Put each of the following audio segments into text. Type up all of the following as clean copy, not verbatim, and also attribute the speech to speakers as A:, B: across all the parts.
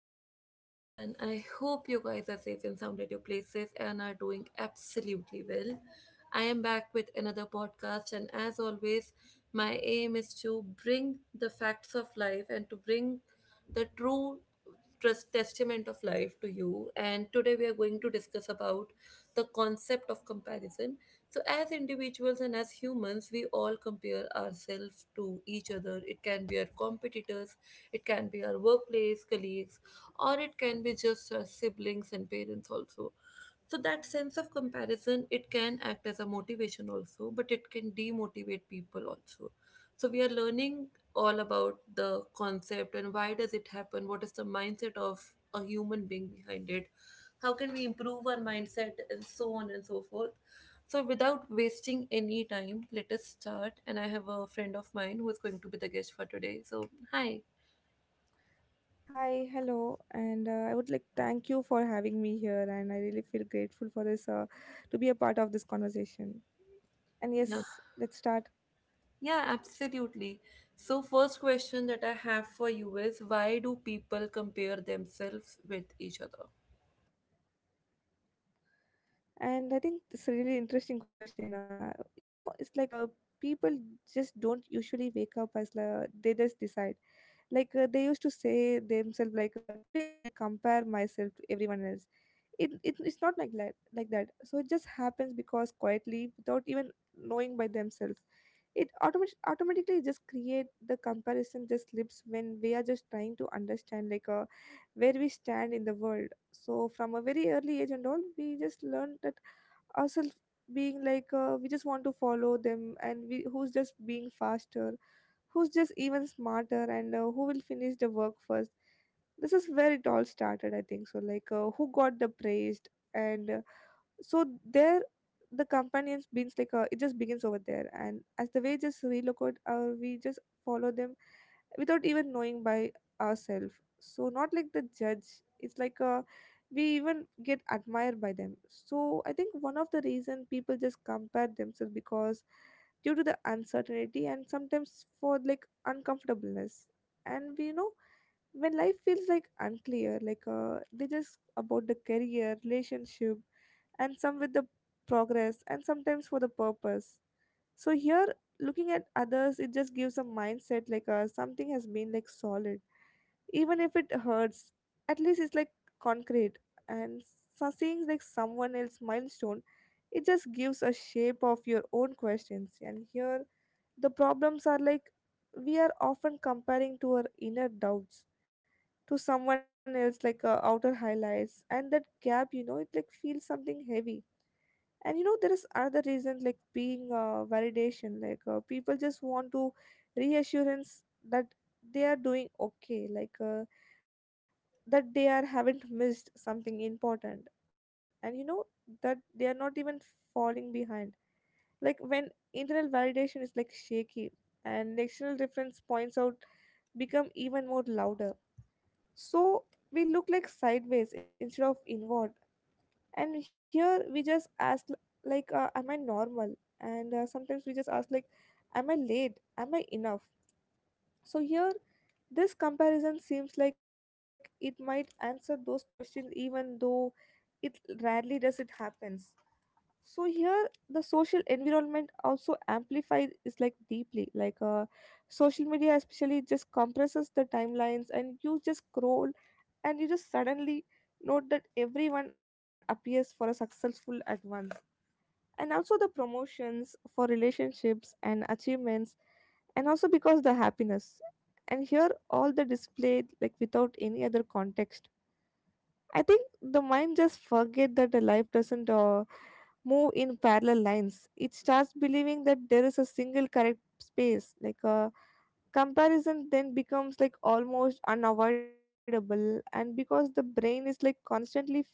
A: good morning to everyone. I hope you guys are safe and sound at your places and are doing absolutely well. I am back with another podcast, and as always, my aim is to bring the facts of life and to bring the true trust testament of life to you. And today we are going to discuss about the concept of comparison. So as individuals and as humans, we all compare ourselves to each other. It can be our competitors, it can be our workplace, colleagues, or it can be just our siblings and parents also. So that sense of comparison, it can act as a motivation also, but it can demotivate people also. So we are learning all about the concept. And why does it happen? What is the mindset of a human being behind it? How can we improve our mindset and so on and so forth? So without wasting any time, let us start. And I have a friend of mine who is going to be the guest for today. So hi.
B: Hi, hello, and I would like thank you for having me here, and I really feel grateful for this to be a part of this conversation.
A: Yeah.
B: And yes, let's start.
A: Yeah, absolutely. So, first question that I have for you is, why do people compare themselves with each other?
B: And I think it's a really interesting question. You know, it's like People just don't usually wake up as they just decide. They used to say themselves, today I'll compare myself to everyone else. It's not like that, so it just happens because quietly, without even knowing by themselves, it automatically just create the comparison, just slips when we are just trying to understand where we stand in the world. So from a very early age and all, we just learn that ourselves being like we just want to follow them, and we who's just being faster, who's just even smarter, and who will finish the work first. This is where it all started, I think. So who got the praised, and so there, the companions beings it just begins over there, and as the way just relocate or we just follow them without even knowing by ourselves. So not like the judge, it's we even get admired by them. So I think one of the reason people just compare themselves, because due to the uncertainty, and sometimes for like uncomfortableness. And we know when life feels like unclear, they just about the career relationship, and some with the progress, and sometimes for the purpose. So here, looking at others, it just gives a mindset something has been like solid. Even if it hurts, at least it's like concrete. And so, seeing like someone else milestone, it just gives a shape of your own questions. And here, the problems are, like, we are often comparing to our inner doubts, to someone else outer highlights, and that gap, you know, it like feels something heavy. And you know, there is another reason, like being validation, people just want to reassurance that they are doing okay, that they are haven't missed something important, and you know, that they are not even falling behind. Like, when internal validation is like shaky and external difference points out become even more louder, so we look like sideways instead of inward. And here we just ask, am I normal? And sometimes we just ask, like, am I late? Am I enough? So here, this comparison seems like it might answer those questions, even though it rarely does it happens. So here the social environment also amplifies is like deeply. Social media especially just compresses the timelines, and you just scroll, and you just suddenly note that everyone appears for a successful at once, and also the promotions for relationships and achievements, and also because the happiness, and here all the displayed like without any other context. I think the mind just forget that the life doesn't move in parallel lines. It starts believing that there is a single correct space, like a comparison then becomes like almost unavoidable, and because the brain is like constantly fed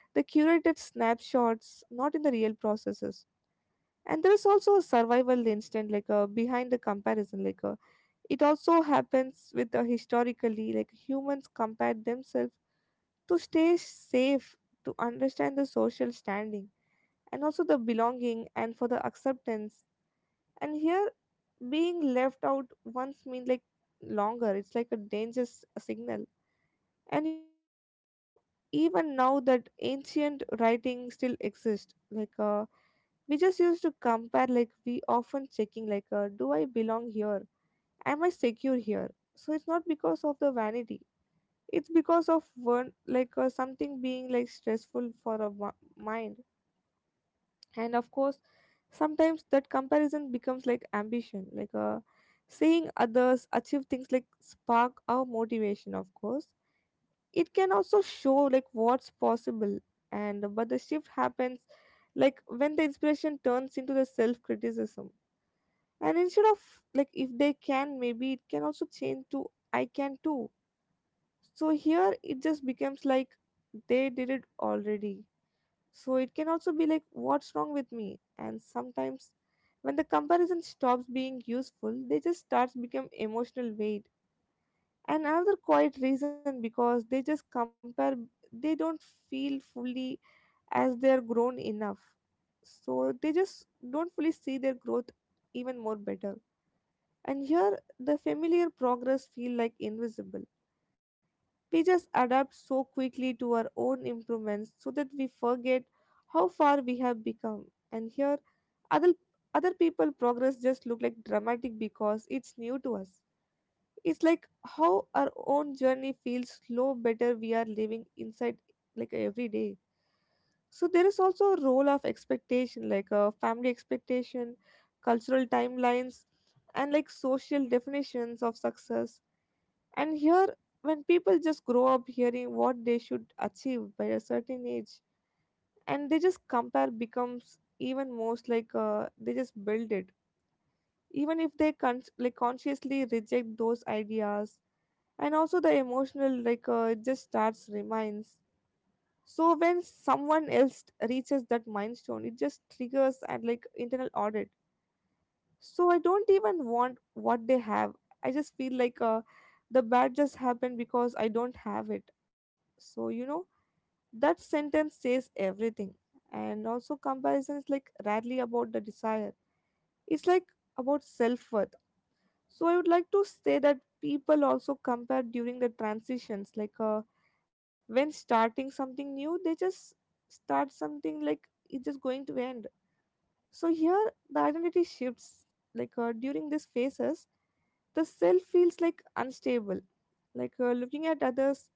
B: the curated snapshots, not in the real processes. And there is also a survival instinct, like a behind the comparison, like a, it also happens with the historically, like humans compare themselves to stay safe, to understand the social standing, and also the belonging, and for the acceptance. And here, being left out once mean like longer. It's like a dangerous signal. And you know, even now that ancient writing still exists, like. We just used to compare, like we often checking like, do I belong here? Am I secure here? So it's not because of the vanity, it's because of one, like, something being like stressful for the mind. And of course, sometimes that comparison becomes like ambition, like, seeing others achieve things like spark our motivation. Of course, it can also show like what's possible. And but the shift happens, like, when the inspiration turns into the self criticism, and instead of, like, if they can, maybe it can also change to I can too. So here it just becomes like they did it already, so it can also be like what's wrong with me. And sometimes when the comparison stops being useful, they just starts become emotional weight. And another quiet reason, because they just compare, they don't feel fully as they are grown enough, so they just don't fully see their growth even more better. And here the familiar progress feel like invisible. We just adapt so quickly to our own improvements, so that we forget how far we have become. And here, other other people progress just look like dramatic because it's new to us. It's like how our own journey feels slow, better we are living inside, like, every day. So there is also a role of expectation, like a family expectation, cultural timelines, and like social definitions of success. And here, when people just grow up hearing what they should achieve by a certain age, and they just compare becomes even most, like, they just build it, even if they like consciously reject those ideas. And also the emotional, like, it just starts reminds. So when someone else reaches that milestone, it just triggers and like internal audit. So I don't even want what they have, I just feel like the bad just happened because I don't have it. So you know, that sentence says everything. And also comparison is like rarely about the desire, it's like about self-worth. So I would like to say that people also compare during the transitions, like when starting something new, they just start something like it's just going to end. So here the identity shifts. During these phases, the self feels like unstable. Looking at others,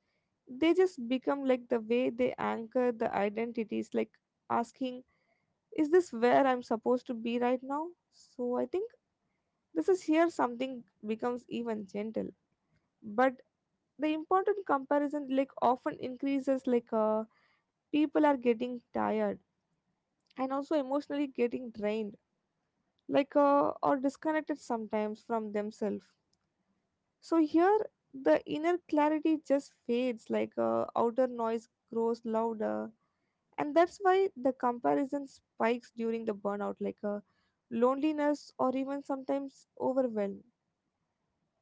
B: they just become like the way they anchor the identities. Like asking, "Is this where I'm supposed to be right now?" So I think this is here something becomes even gentle, but the important comparison like often increases, like, people are getting tired and also emotionally getting drained, like, or disconnected sometimes from themselves. So here the inner clarity just fades, like, outer noise grows louder, and that's why the comparison spikes during the burnout, like, loneliness or even sometimes overwhelm.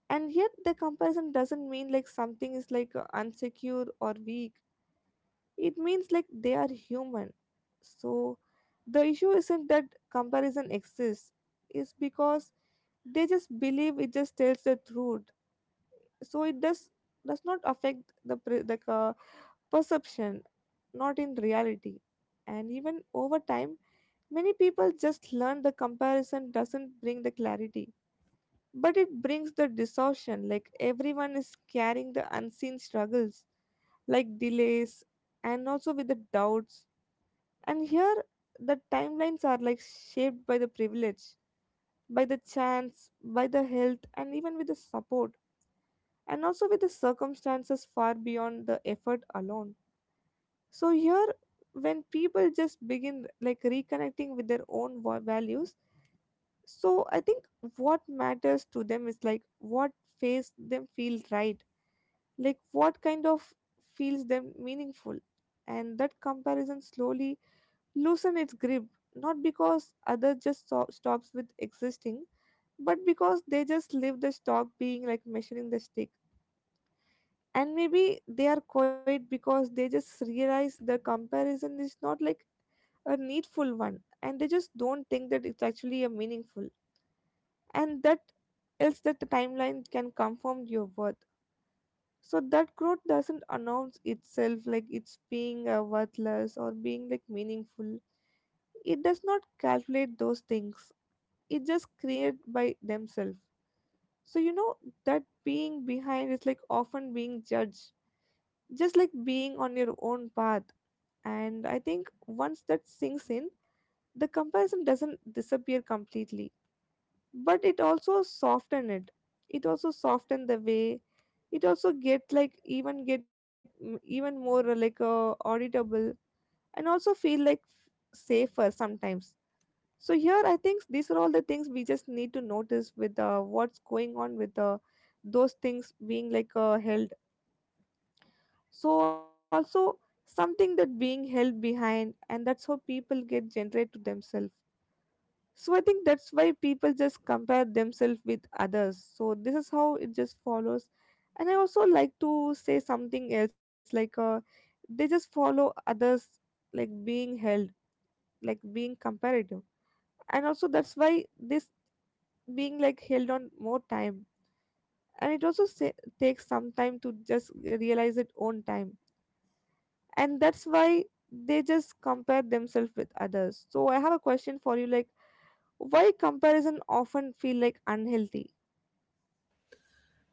B: And yet the comparison doesn't mean like something is like insecure or weak. It means like they are human. So the issue isn't that comparison exists, it's because they just believe it just tells the truth. So it does not affect the perception, not in reality. And even over time, many people just learn the comparison doesn't bring the clarity, but it brings the distortion. Like everyone is carrying the unseen struggles, like delays, and also with the doubts. And here, the timelines are like shaped by the privilege, by the chance, by the health, and even with the support, and also with the circumstances far beyond the effort alone. So, here, when people just begin like reconnecting with their own values, so I think what matters to them is like what face them feel right, like what kind of feels them meaningful, and that comparison slowly loosen its grip, not because other just stops with existing, but because they just leave the stock being like measuring the stick. And maybe they are quiet because they just realize the comparison is not like a needful one, and they just don't think that it's actually a meaningful. And that else that the timeline can confirm your worth. So that growth doesn't announce itself like it's being worthless or being like meaningful. It does not calculate those things. It just created by themselves. So you know, that being behind is like often being judged, just like being on your own path. And I think once that sinks in, the comparison doesn't disappear completely, but it also soften it, it also soften the way. It also get like even get even more auditable, and also feel like safer sometimes. So here, I think these are all the things we just need to notice with what's going on with those things being like held. So also something that being held behind, and that's how people get generated to themselves. So I think that's why people just compare themselves with others. So this is how it just follows. And I also like to say something else, like they just follow others, like being held, like being comparative, and also that's why this being like held on more time, and takes some time to just realize it own time. And that's why they just compare themselves with others. So I have a question for you, like why comparison often feel like unhealthy?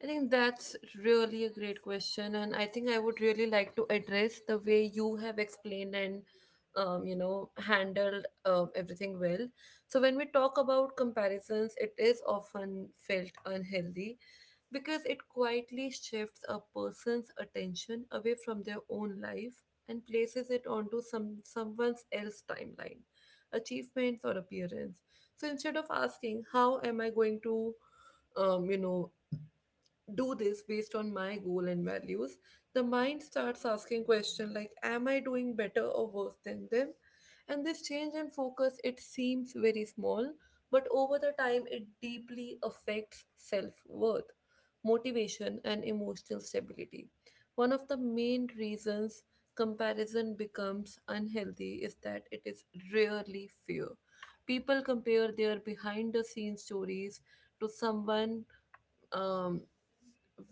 A: I think that's really a great question, and I think I would really like to address the way you have explained and you know handled everything well. So when we talk about comparisons, it is often felt unhealthy because it quietly shifts a person's attention away from their own life and places it onto someone else's timeline, achievements or appearance. So instead of asking, how am I going to you know do this based on my goal and values, the mind starts asking questions like, am I doing better or worse than them? And this change in focus, it seems very small, but over the time, it deeply affects self worth, motivation, and emotional stability. One of the main reasons comparison becomes unhealthy is that it is rarely fair. People compare their behind the scenes stories to someone um,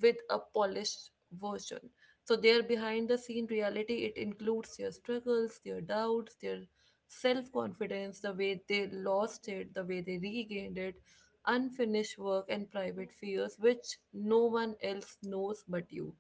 A: with a polished version. So their behind the scene reality, it includes their struggles, their doubts, their self confidence, the way they lost it, the way they regained it, unfinished work and private fears which no one else knows but you.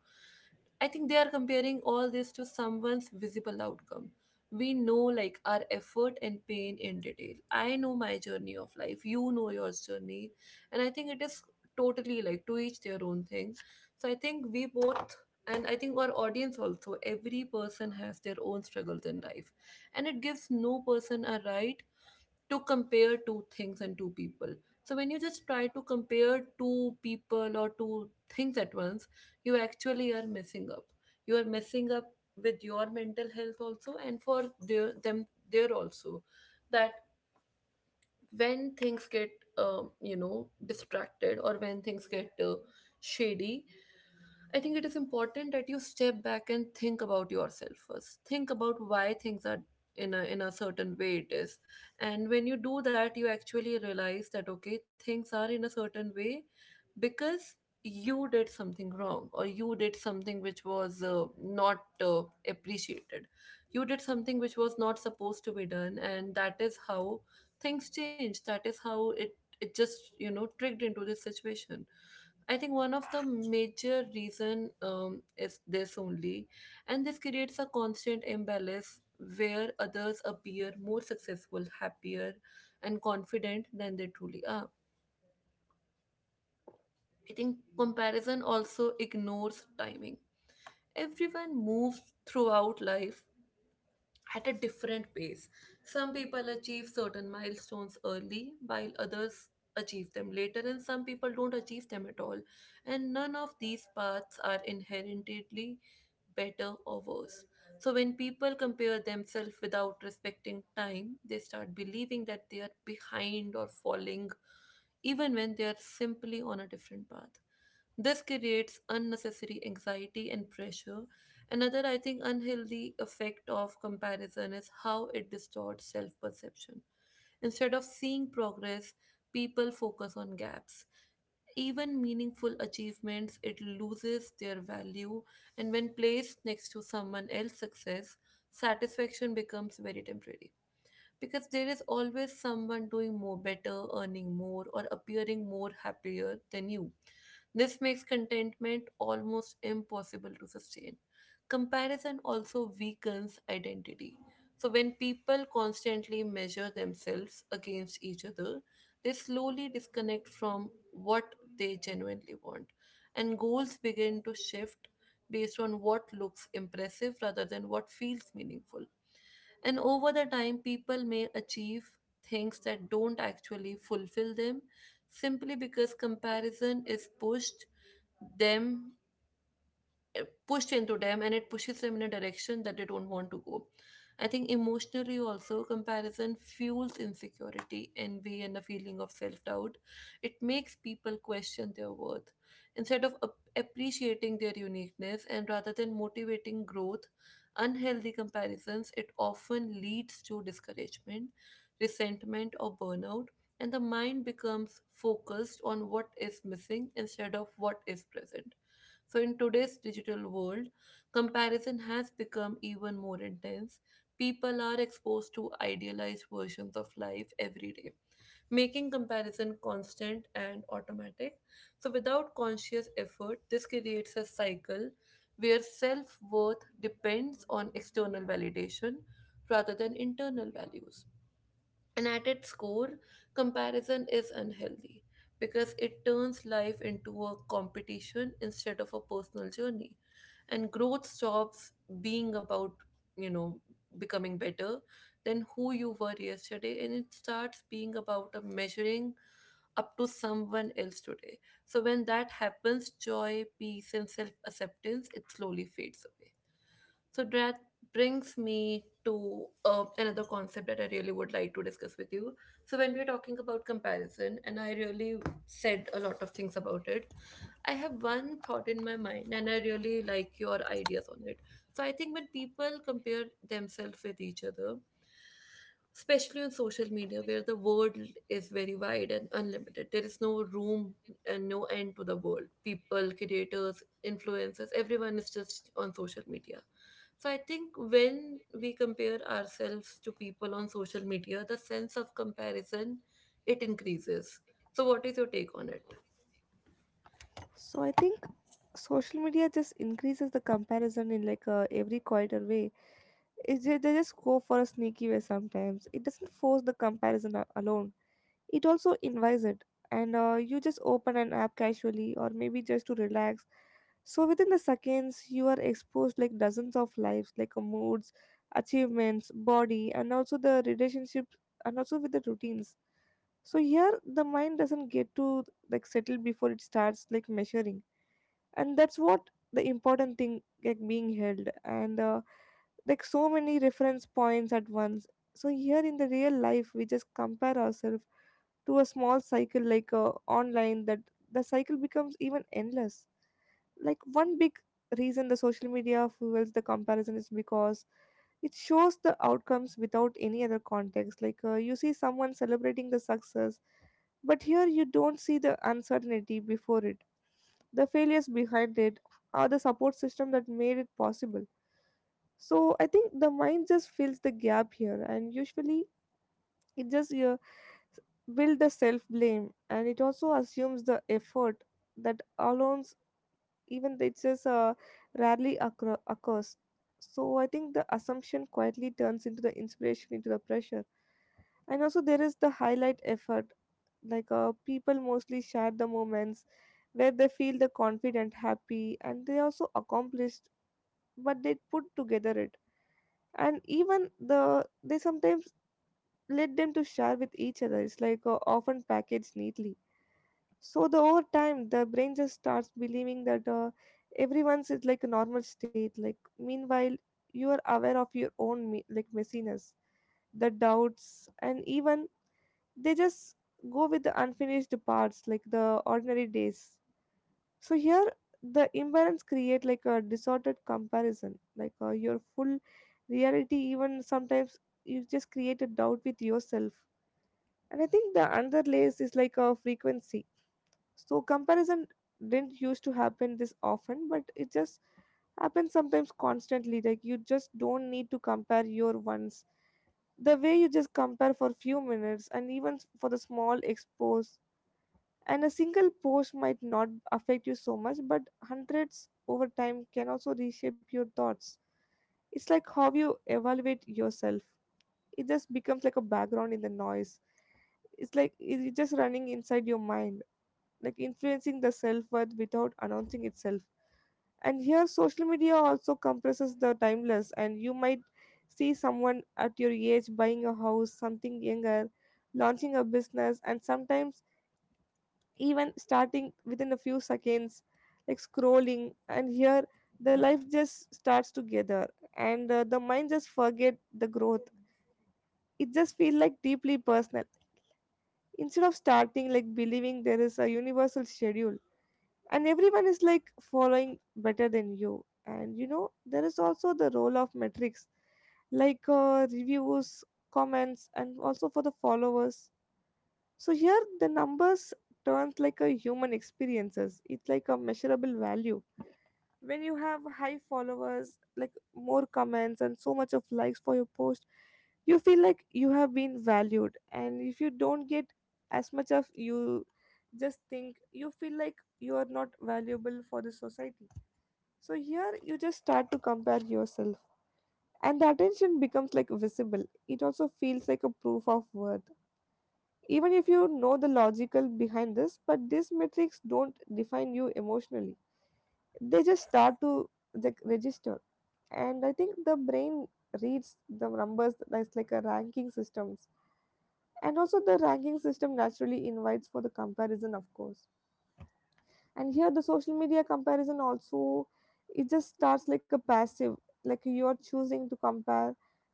A: I think they are comparing all this to someone's visible outcome. We know like our effort and pain in detail. I know my journey of life, you know yours journey, and I think it is totally like to each their own thing. So I think we both, and I think our audience also, every person has their own struggles in life. And it gives no person a right to compare two things and two people. So when you just try to compare two people or two things at once, you actually are messing up. You are messing up with your mental health also, and for their, them there also. That when things get you know distracted, or when things get shady, I think it is important that you step back and think about yourself first. Think about why things are in a certain way it is. And when you do that, you actually realize that okay, things are in a certain way because you did something wrong or you did something which was not appreciated. You did something which was not supposed to be done, and that is how things change. That is how it just you know tricked into this situation. I think one of the major reason is this only, and this creates a constant imbalance where others appear more successful, happier, and confident than they truly are. I think comparison also ignores timing. Everyone moves throughout life at a different pace. Some people achieve certain milestones early, while others achieve them later, and some people don't achieve them at all. And none of these paths are inherently better or worse. So, when people compare themselves without respecting time, they start believing that they are behind or falling, even when they are simply on a different path. This creates unnecessary anxiety and pressure. Another, I think, unhealthy effect of comparison is how it distorts self perception. Instead of seeing progress, people focus on gaps. Even meaningful achievements, it loses their value, and when placed next to someone else's success, satisfaction becomes very temporary because there is always someone doing more better, earning more, or appearing more happier than you. This makes contentment almost impossible to sustain. Comparison also weakens identity. So, when people constantly measure themselves against each other, they slowly disconnect from what they genuinely want. And goals begin to shift based on what looks impressive rather than what feels meaningful. And over the time, people may achieve things that don't actually fulfill them simply because comparison is pushed them pushed into them, and it pushes them in a direction that they don't want to go. I think emotionally also comparison fuels insecurity, envy, and a feeling of self doubt. It makes people question their worth instead of appreciating their uniqueness and rather than motivating growth. Unhealthy comparisons, it often leads to discouragement, resentment, or burnout, and the mind becomes focused on what is missing instead of what is present. So, in today's digital world, comparison has become even more intense. People are exposed to idealized versions of life every day, making comparison constant and automatic. So, without conscious effort, this creates a cycle where self worth depends on external validation rather than internal values. And at its core, comparison is unhealthy because it turns life into a competition instead of a personal journey. And growth stops being about, you know, becoming better than who you were yesterday, and it starts being about a measuring up to someone else today. So when that happens, joy, peace, and self acceptance, it slowly fades away. So that brings me to another concept that I really would like to discuss with you. So when we're talking about comparison, and I really said a lot of things about it, I have one thought in my mind, and I really like your ideas on it. So I think when people compare themselves with each other, especially on social media where the world is very wide and unlimited, there is no room and no end to the world. People, creators, influencers, everyone is just on social media. So I think when we compare ourselves to people on social media, the sense of comparison it increases. So what is your take on it?
B: So I think social media just increases the comparison in like every quieter way. It's just, they just go for a sneaky way sometimes. It doesn't force the alone. It also invites it, and you just open an app casually or maybe just to relax. So within the seconds, you are exposed like dozens of lives, like moods, achievements, body, and also the relationship, and also with the routines. So here, the mind doesn't get to like settle before it starts like measuring, and that's what the important thing like being held and like so many reference points at once. So here in the real life, we just compare ourselves to a small cycle, like online, that the cycle becomes even endless. Like one big reason the social media fuels the comparison is because it shows the outcomes without any other context. Like you see someone celebrating the success, but here you don't see the uncertainty before it, the failures behind it, or the support system that made it possible. So I think the mind just fills the gap here, and usually it just build the self blame, and it also assumes the effort that alone, even it's just rarely occurs. So I think the assumption quietly turns into the inspiration, into the pressure. And also there is the highlight effort, like people mostly share the moments where they feel the confident, happy, and they also accomplished. But they put together it, and even they sometimes let them to share with each other, it's like often packaged neatly. So the over time, the brain just starts believing that everyone's is like a normal state. Like meanwhile, you are aware of your own like messiness, the doubts, and even they just go with the unfinished parts, like the ordinary days. So here, the imbalance create like a distorted comparison, like your full reality. Even sometimes you just create a doubt with yourself. And I think the another layer is like a frequency. So comparison didn't used to happen this often, but it just happens sometimes constantly. Like you just don't need to compare your ones, the way you just compare for few minutes. And even for the small expose and a single post might not affect you so much, but hundreds over time can also reshape your thoughts. It's like how you evaluate yourself. It just becomes like a background in the noise. It's just running inside your mind, like influencing the self-worth without announcing itself. And here social media also compresses the timeless, and you might see someone at your age buying a house, something younger launching a business, and sometimes even starting within a few seconds like scrolling. And here the life just starts together, and the mind just forget the growth. It just feels like deeply personal, instead of starting like believing there is a universal schedule and everyone is like following better than you. And you know there is also the role of metrics, like reviews, comments, and also for the followers. So here the numbers turns like a human experiences, it's like a measurable value. When you have high followers, like more comments and so much of likes for your post, you feel like you have been valued. And if you don't get as much of, you just think you feel like you are not valuable for the society. So here you just start to compare yourself, and the attention becomes like visible. It also feels like a proof of worth. Even if you know the logical behind this, but these metrics don't define you emotionally, they just start to like register. And I think the brain reads the numbers, that's like a ranking systems. And also the ranking system naturally invites for the comparison, of course. And here the social media comparison also, it just starts like a passive, like you're choosing to compare.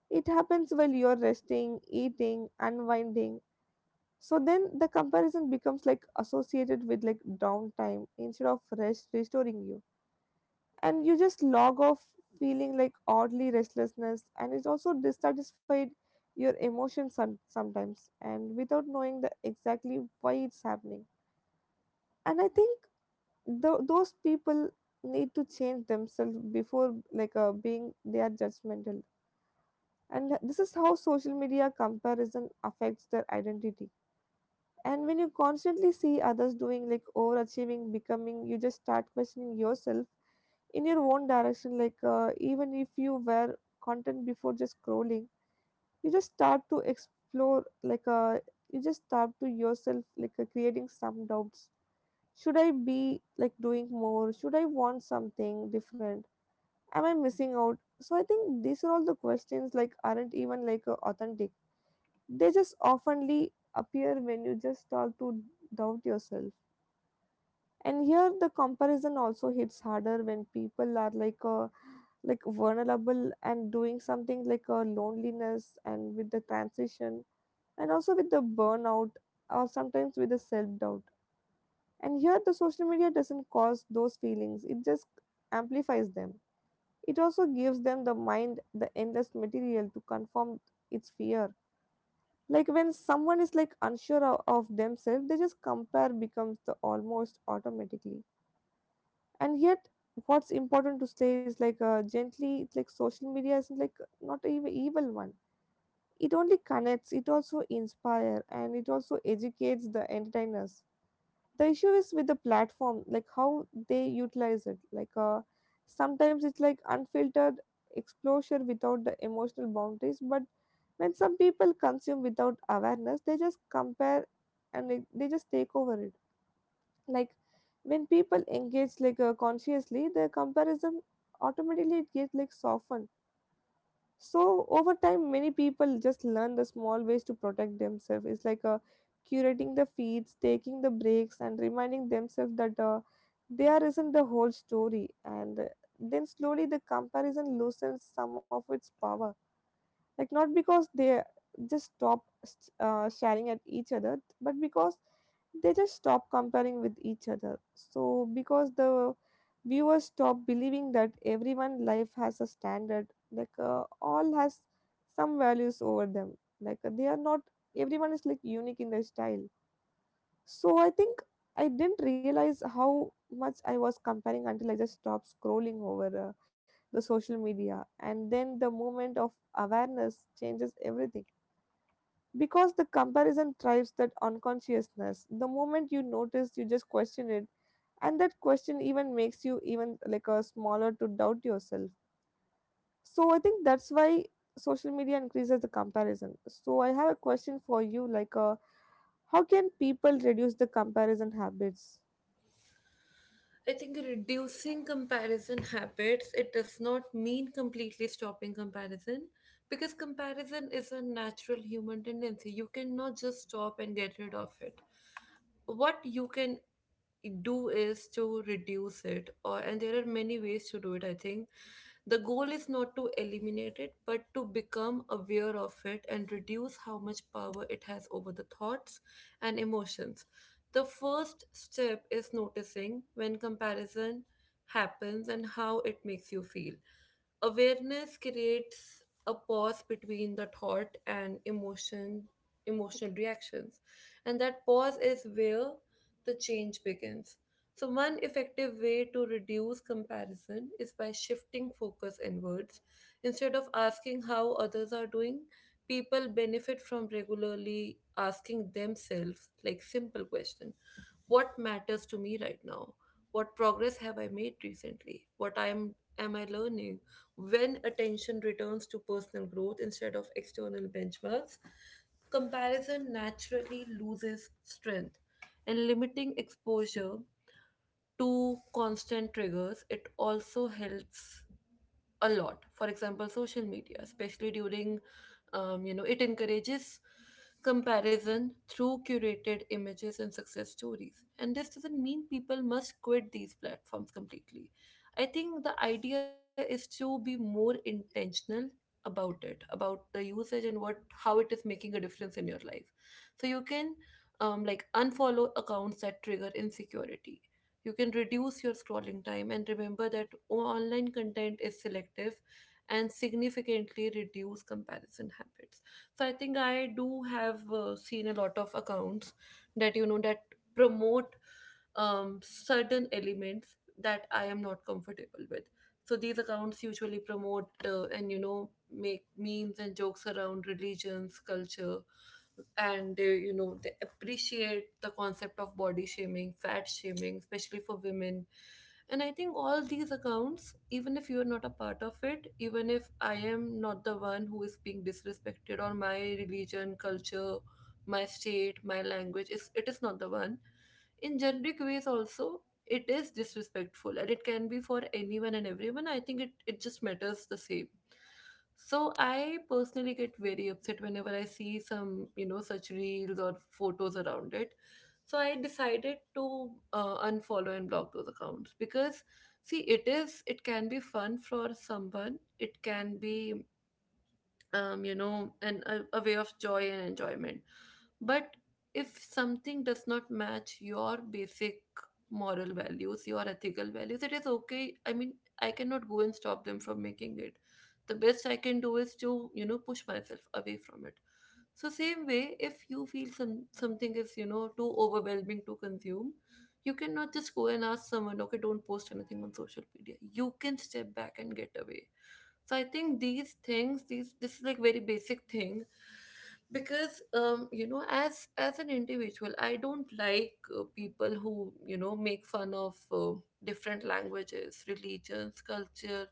B: It happens while you're resting, eating, unwinding. So then the comparison becomes like associated with like downtime instead of rest restoring you. And you just log off feeling like oddly restlessness, and it's also dissatisfied your emotions sometimes, and without knowing the exactly why it's happening. And I think those people need to change themselves before like being they are judgmental. And this is how social media comparison affects their identity. And when you constantly see others doing like overachieving, becoming, you just start questioning yourself in your own direction, like even if you were content before just scrolling, you just start to explore, like you just start to yourself, like creating some doubts. Should I be like doing more? Should I want something different? Am I missing out? So I think these are all the questions like aren't even like authentic. They just oftenly appear when you just start to doubt yourself. And here the comparison also hits harder when people are like vulnerable, and doing something like a loneliness, and with the transition, and also with the burnout, or sometimes with the self doubt. And here the social media doesn't cause those feelings, it just amplifies them. It also gives them the mind the endless material to confirm its fear. Like when someone is like unsure of themselves, they just compare becomes the almost automatically. And yet what's important to say is like gently, it's like social media isn't like not an evil one. It only connects, it also inspire, and it also educates the entertainers. The issue is with the platform, like how they utilize it, like sometimes it's like unfiltered exposure without the emotional boundaries. But when some people consume without awareness, they just compare, and they just take over it. Like when people engage like consciously, the comparison automatically it gets like softened. So over time many people just learn the small ways to protect themselves, it's like curating the feeds, taking the breaks, and reminding themselves that there isn't the whole story. And then slowly the comparison loosens some of its power, like not because they just stop sharing at each other, but because they just stop comparing with each other. So because the viewers stop believing that everyone life has a standard, like all has some values over them, like they are not, everyone is like unique in their style. So I think I didn't realize how much I was comparing until I just stopped scrolling over the social media. And then the moment of awareness changes everything. Because the comparison thrives that unconsciousness. The moment you notice, you just question it. And that question even makes you even like a smaller to doubt yourself. So I think that's why social media increases the comparison. So I have a question for you, like how can people reduce the comparison habits?
A: I think reducing comparison habits, it does not mean completely stopping comparison because comparison is a natural human tendency. You cannot just stop and get rid of it. What you can do is to reduce it. Or and there are many ways to do it. I think the goal is not to eliminate it, but to become aware of it and reduce how much power it has over the thoughts and emotions. The first step is noticing when comparison happens and how it makes you feel. Awareness creates a pause between the thought and emotion, emotional reactions, and that pause is where the change begins. So one effective way to reduce comparison is by shifting focus inwards. Instead of asking how others are doing, people benefit from regularly asking themselves like simple question, what matters to me right now, what progress have I made recently, what I am I learning. When attention returns to personal growth instead of external benchmarks, comparison naturally loses strength. And limiting exposure to constant triggers, it also helps a lot. For example, social media especially during you know it encourages comparison through curated images and success stories, and this doesn't mean people must quit these platforms completely. I think the idea is to be more intentional about it, about the usage and what how it is making a difference in your life. So you can like unfollow accounts that trigger insecurity, you can reduce your scrolling time and remember that online content is selective and significantly reduce comparison habits. So I think I do have seen a lot of accounts that you know that promote certain elements that I am not comfortable with. So these accounts usually promote and you know make memes and jokes around religions, culture, and they, you know they appreciate the concept of body shaming, fat shaming, especially for women. And I think all these accounts, even if you are not a part of it, even if I am not the one who is being disrespected, or my religion, culture, my state, my language is, it is not the one, in generic ways also it is disrespectful, and it can be for anyone and everyone. I think it, it just matters the same. So I personally get very upset whenever I see some, you know, such reels or photos around it. So I decided to unfollow and block those accounts because see, it can be fun for someone. It can be and a way of joy and enjoyment. But if something does not match your basic moral values, your ethical values, it is okay. I mean, I cannot go and stop them from making it. The best I can do is to push myself away from it. So same way, if you feel something is, too overwhelming to consume, you cannot just go and ask someone, okay, don't post anything on social media. You can step back and get away. So I think these things these this is like very basic thing, because as an individual I don't like people who make fun of different languages, religions, culture,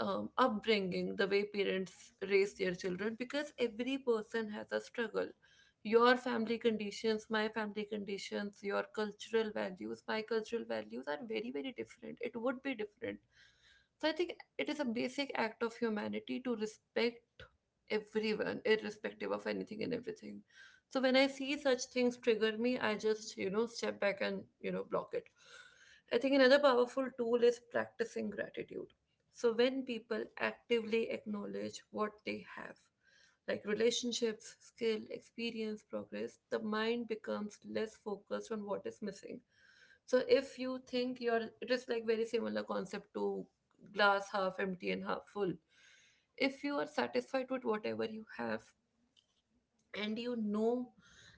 A: upbringing, the way parents raise their children, because every person has a struggle. Your family conditions, my family conditions, your cultural values, my cultural values are very, very different. It would be different. So I think it is a basic act of humanity to respect everyone, irrespective of anything and everything. So when I see such things trigger me, I just, you know, step back and, you know, block it. I think another powerful tool is practicing gratitude. So when people actively acknowledge what they have, like relationships, skill, experience, progress, the mind becomes less focused on what is missing. So if you think you're, it is like very similar concept to glass half empty and half full. If you are satisfied with whatever you have, and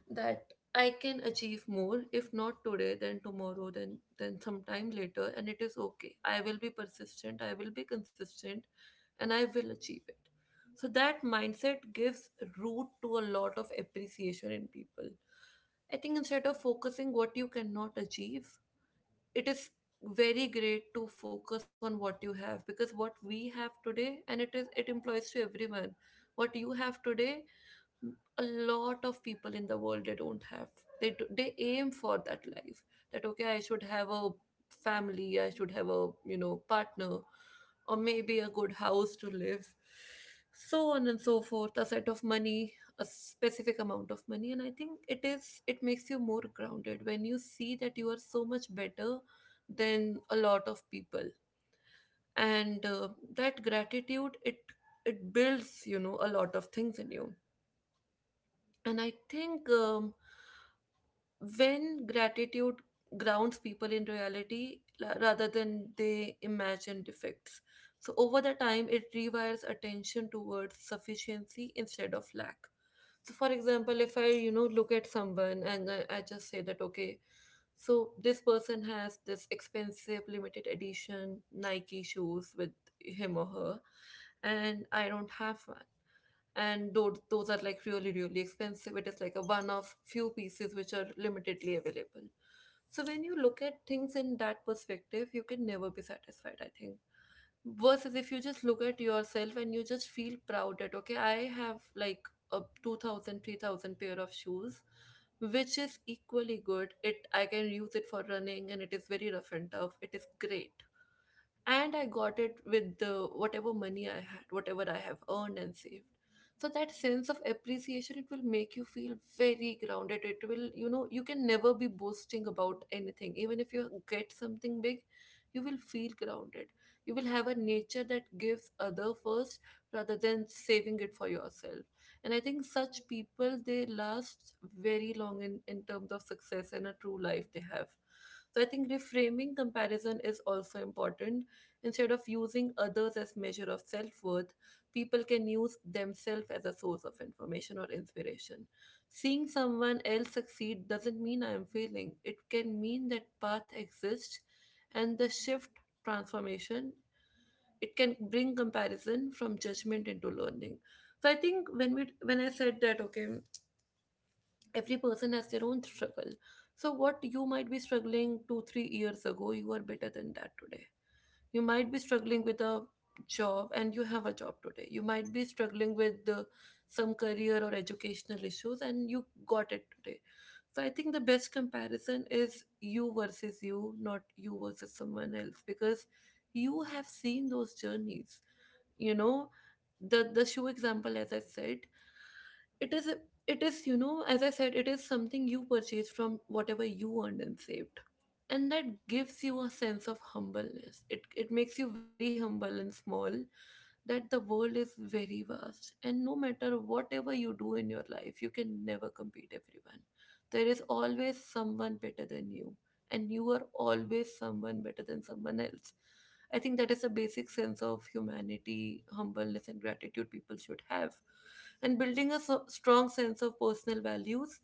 A: that I can achieve more, if not today then tomorrow, then sometime later, and it is okay, I will be persistent, I will be consistent, and I will achieve it. So that mindset gives root to a lot of appreciation in people. I think instead of focusing what you cannot achieve, it is very great to focus on what you have, because what we have today, and it is, it employs to everyone, what you have today, a lot of people in the world they don't have. They do, they aim for that life, that okay, I should have a family, I should have a partner, or maybe a good house to live, so on and so forth, a set of money, a specific amount of money. And I think it makes you more grounded when you see that you are so much better than a lot of people. And that gratitude, it builds, you know, a lot of things in you. And I think when gratitude grounds people in reality, rather than they imagined defects. So over the time, it rewires attention towards sufficiency instead of lack. So, for example, if I, look at someone and I just say that, okay, so this person has this expensive limited edition Nike shoes with him or her, and I don't have one, and those are like really really expensive, it is like a one of few pieces which are limitedly available. So when you look at things in that perspective, you can never be satisfied, I think. Versus if you just look at yourself and you just feel proud that okay, I have like a 2000 3000 pair of shoes, which is equally good, it, I can use it for running, and it is very rough and tough, it is great, and I got it with the whatever money I had, whatever I have earned and saved. So that sense of appreciation, it will make you feel very grounded. It will, you know, you can never be boasting about anything. Even if you get something big, you will feel grounded. You will have a nature that gives other first rather than saving it for yourself. And I think such people they last very long in terms of success and a true life they have. So I think reframing comparison is also important. Instead of using others as measure of self-worth, people can use themselves as a source of information or inspiration. Seeing someone else succeed doesn't mean I am failing. It can mean that path exists, and the shift, transformation, it can bring comparison from judgment into learning. So I think when we when I said that, okay, every person has their own struggle, so what you might be struggling 2-3 years ago, you are better than that today. You might be struggling with a job and you have a job today. You might be struggling with some career or educational issues, and you got it today. So I think the best comparison is you versus you, not you versus someone else, because you have seen those journeys, you know. The shoe example, as I said, it is it is, as I said, it is something you purchased from whatever you earned and saved. And that gives you a sense of humbleness, it makes you very humble and small, that the world is very vast and no matter whatever you do in your life, you can never compete everyone. There is always someone better than you, and you are always someone better than someone else. I think that is a basic sense of humanity, humbleness and gratitude people should have. And building a strong sense of personal values,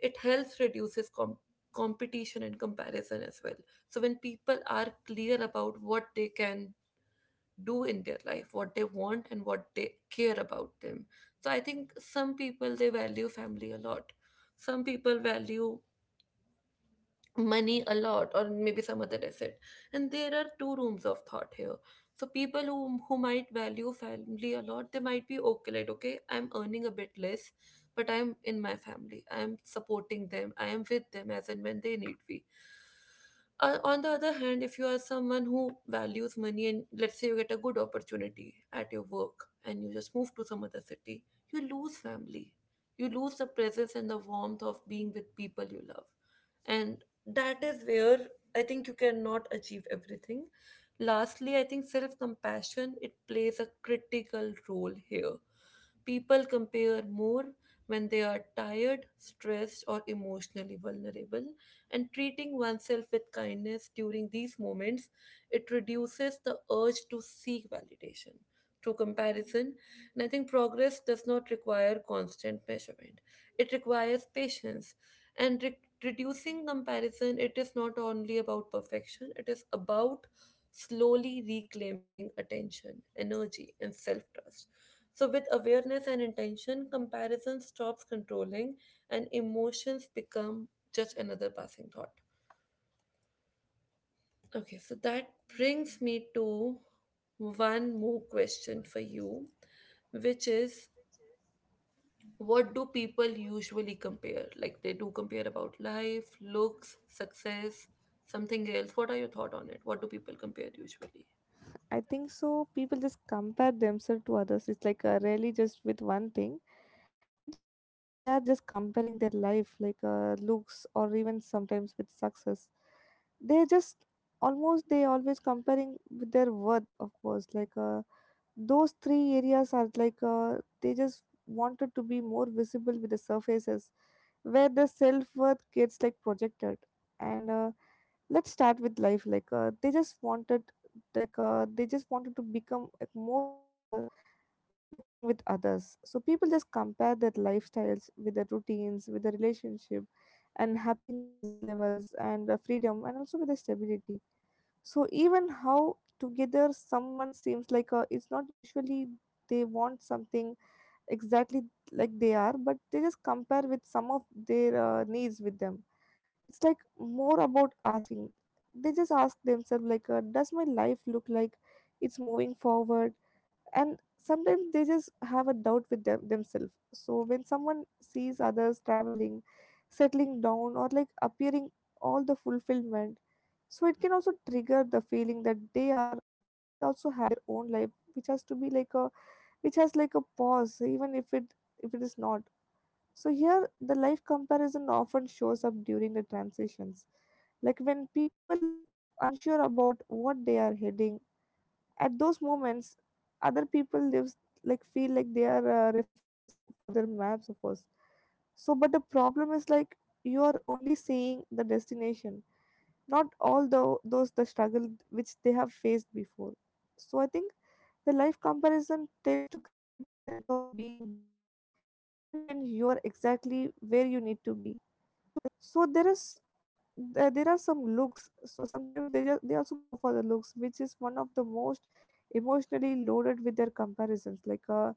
A: it helps reduces competition, competition and comparison as well. So when people are clear about what they can do in their life, what they want and what they care about them. So I think some people they value family a lot. Some people value money a lot, or maybe some other asset. And there are two rooms of thought here. So people who might value family a lot, they might be okay, like, okay, I'm earning a bit less, but I'm in my family, I'm supporting them, I am with them as and when they need me. On the other hand, if you are someone who values money and let's say you get a good opportunity at your work and you just move to some other city, you lose family, you lose the presence and the warmth of being with people you love, and that is where I think you cannot achieve everything. Lastly, I think self compassion, it plays a critical role here. People compare more when they are tired, stressed, or emotionally vulnerable, and treating oneself with kindness during these moments, it reduces the urge to seek validation through comparison. And I think progress does not require constant measurement. It requires patience. And reducing comparison, it is not only about perfection, it is about slowly reclaiming attention, energy and self trust. So with awareness and intention, comparison stops controlling, and emotions become just another passing thought. Okay, so that brings me to one more question for you, which is, what do people
B: What do
A: usually compare?
B: people usually
A: Like, they do
B: compare?
A: compare about life,
B: Like they
A: looks,
B: will compare about
A: success, something else. What are
B: life,
A: your
B: looks,
A: thought
B: success, something
A: on
B: else.
A: it?
B: What
A: What
B: are
A: do
B: your
A: people compare
B: thoughts? What do you
A: usually?
B: think? I think so. People just compare themselves to others. It's like really just with one thing. It looks like they are just comparing their life, like looks, or even sometimes with success. They're just almost they always comparing with their worth, of course. Like those three areas are like they just wanted to be more visible with the surfaces where the self-worth gets like projected. And let's start with life, like they just wanted, like they just wanted to become like more richer, like comparing with others. So people just compare their lifestyles, with their routines, with their relationship, and happiness levels, and the freedom, and also with the stability. So even how together someone seems like a, it's not usually they want something exactly like they are, but they just compare with some of their needs with them. It's like more about asking, they just ask themselves, like does my life look like it's moving forward? And sometimes they just have a doubt with them themselves. So when someone sees others traveling, settling down, or like appearing all the fulfillment, so it can also trigger the feeling that they are, they also have their own life, which has to be like a, which has like a pause, even if it is not. So here the life comparison often shows up during the transitions, like when people is unsure about what they are heading. At those moments, other people lives like feel like they are references for their maps, of course. So, but the problem is like you are only seeing the destination, not all the those the struggle which they have faced before. So I think the life comparison tends to create a sense of being behind, even when you are exactly where you need to be. So there are some looks, so sometimes they also go for the looks, which is one of the most emotionally loaded with their comparisons,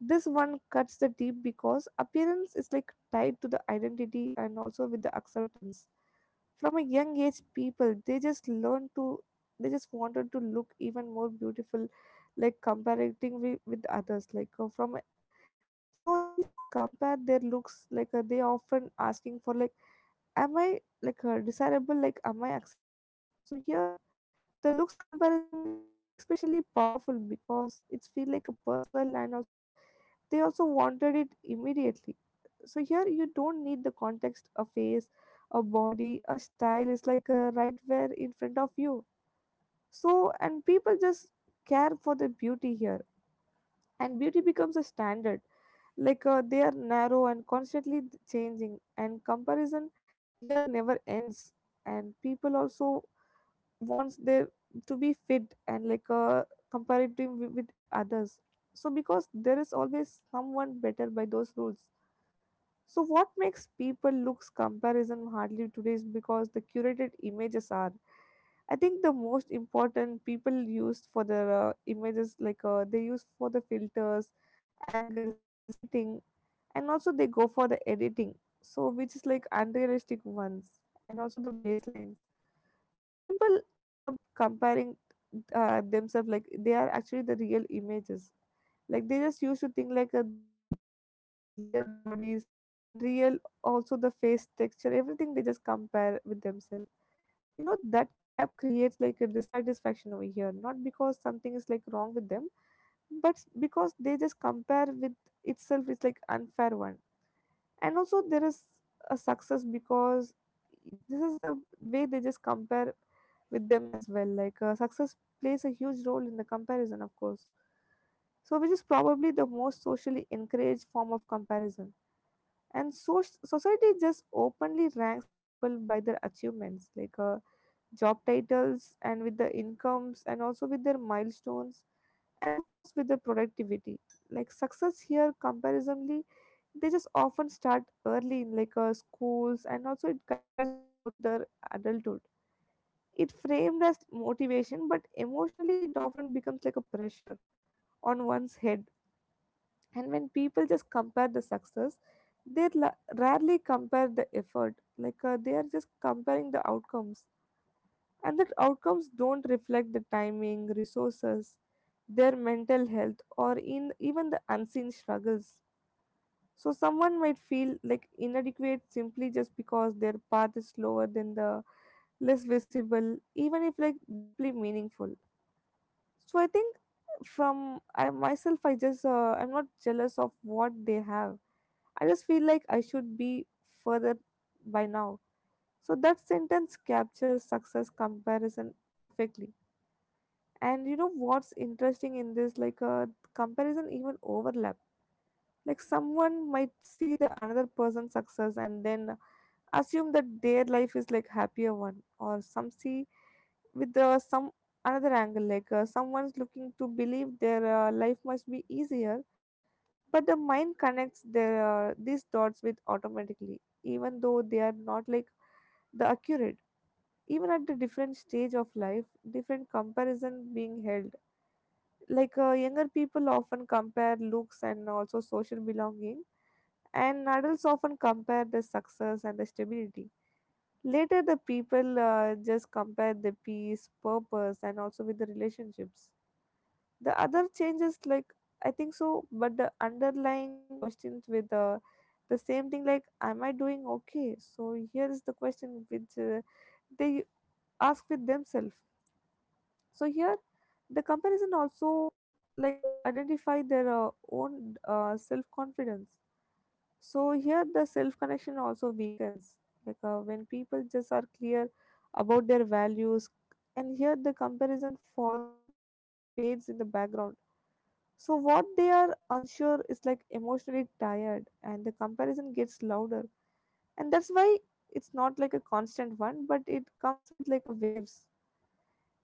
B: this one cuts the deep because appearance is like tied to the identity and also with the acceptance. From a young age, people they just learn to they just wanted to look even more beautiful, like comparing with others, so they just compare their looks, they often asking for like, am I desirable? Like, am I acceptable? So here, the looks comparison is like especially powerful because it's feel like a personal, and also they also wanted it immediately. So here, you don't need the context, a face, a body, a style is right where in front of you. So and people just care for the beauty here, and beauty becomes a standard, they are narrow and constantly changing, and comparison here never ends. And people also wants their to be fit and comparative with others. So because there is always someone better by those rules. So what makes people looks comparison hardly today is because the curated images are. I think the most important people use for their images, they use for the filters, angles, lighting, and also they go for the editing. So which is like unrealistic ones, and also the baselines. So people end up comparing themselves like they are actually the real images. Like they just used to think like they are the li- real bodies and real, also the face texture, everything they just compare with themselves. You know that gap creates like a dissatisfaction over here, not because something is like wrong with them, but because they just compare with itself. It's like unfair one. And also there is a success because this is the way they just compare with them as well, success plays a huge role in the comparison, of course, so which is probably the most socially encouraged form of comparison. And so society just openly ranks people by their achievements, job titles and with the incomes and also with their milestones, and of course with the productivity. Like success here comparisonly, they just often start early in schools, and also it continues throughout their adulthood. It framed as motivation, but emotionally it often becomes like a pressure on one's head. And when people just compare the success, they rarely compare the effort, they are just comparing the outcomes, and that outcomes don't reflect the timing, resources, their mental health, or in even the unseen struggles. So someone might feel like inadequate simply just because their path is slower than the less visible, even if like deeply meaningful. So I think from I myself, I just I'm not jealous of what they have. I just feel like I should be further by now. So that sentence captures success comparison perfectly. And you know what's interesting in this comparison even overlap, like someone might see the another person's success and then assume that their life is like happier one, or some see with the some another angle, someone's looking to believe their life must be easier, but the mind connects their these dots with automatically, even though they are not like the accurate. Even at the different stage of life, different comparison being held, younger people often compare looks and also social belonging, and adults often compare the success and the stability. Later the people just compare the peace purpose and also with the relationships, the other changes like, I think so. But the underlying questions with the same thing, like am I doing okay? So here is the question which they ask with themselves. So here, the comparison also like identify their own self confidence. So here, the self connection also weakens. When people just are clear about their values, and here the comparison falls, like it also fades in the background. So what they are unsure is like emotionally tired, and the comparison gets louder, and that's why it's not like a constant one, but it comes with like a waves.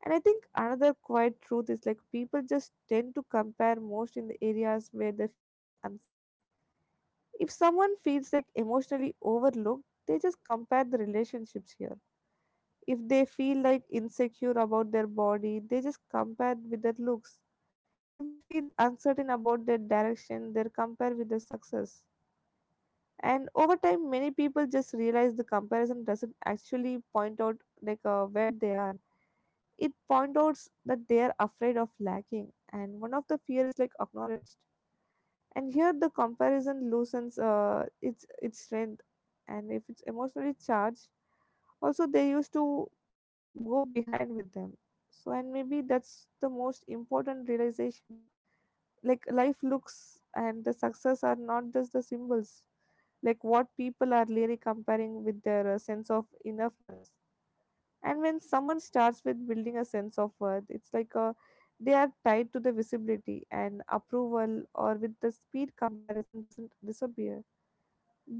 B: And I think another quiet truth is like people just tend to compare most in the areas where they feel like unseen. If someone feels like emotionally overlooked, they just compare the relationships here. If they feel like insecure about their body, they just compare with their looks. If they feel uncertain about their direction, they compare with their success. And over time, many people just realize the comparison doesn't actually point out where they are, it points out that they are afraid of lacking. And one of the fear is like acknowledged, and here the comparison loosens its strength. And if it's emotionally charged, also they used to like go behind with them. So and maybe that's the most important realization, like life looks and the success are not just the symbols, like what people are really comparing with their sense of enoughness. And when someone starts with building a sense of worth, it's like a they are tied to the visibility and approval or with the speed, comparison doesn't disappear,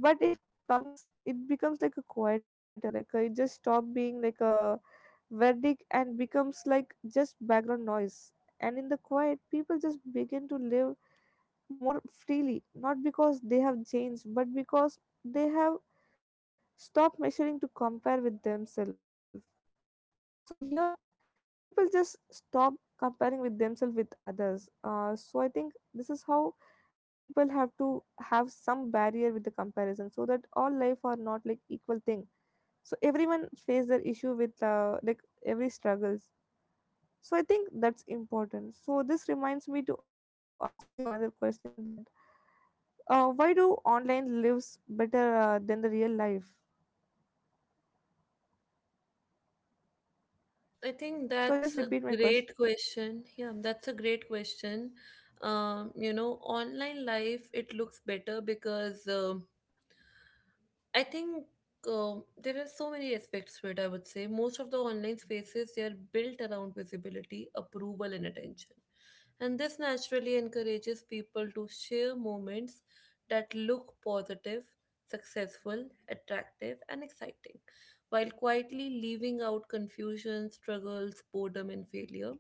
B: but it becomes like a quieter, it just stop being like a verdict and becomes like just background noise. And in the quiet people just begin to live more freely, not because they have changed, but because they have stopped measuring to compare with themselves. So here people just stop comparing with themselves with others, so I think this is how people have to have some barrier with the comparison, so that all life are not like equal thing. So everyone face their issue with like every struggles. So I think that's important. So this reminds me to ask you another question, that why do online lives better than the real life?
A: I think
B: So I just
A: that's a
B: repeat my question
A: great
B: again that
A: question. Yeah, that's a great question. Online life it looks better because I think there are so many aspects to it. I would say most of the online spaces they are built around visibility, approval, and attention, and this naturally encourages people to share moments that look positive, successful, attractive, and exciting, while quietly leaving out confusion, struggles, boredom, and failure.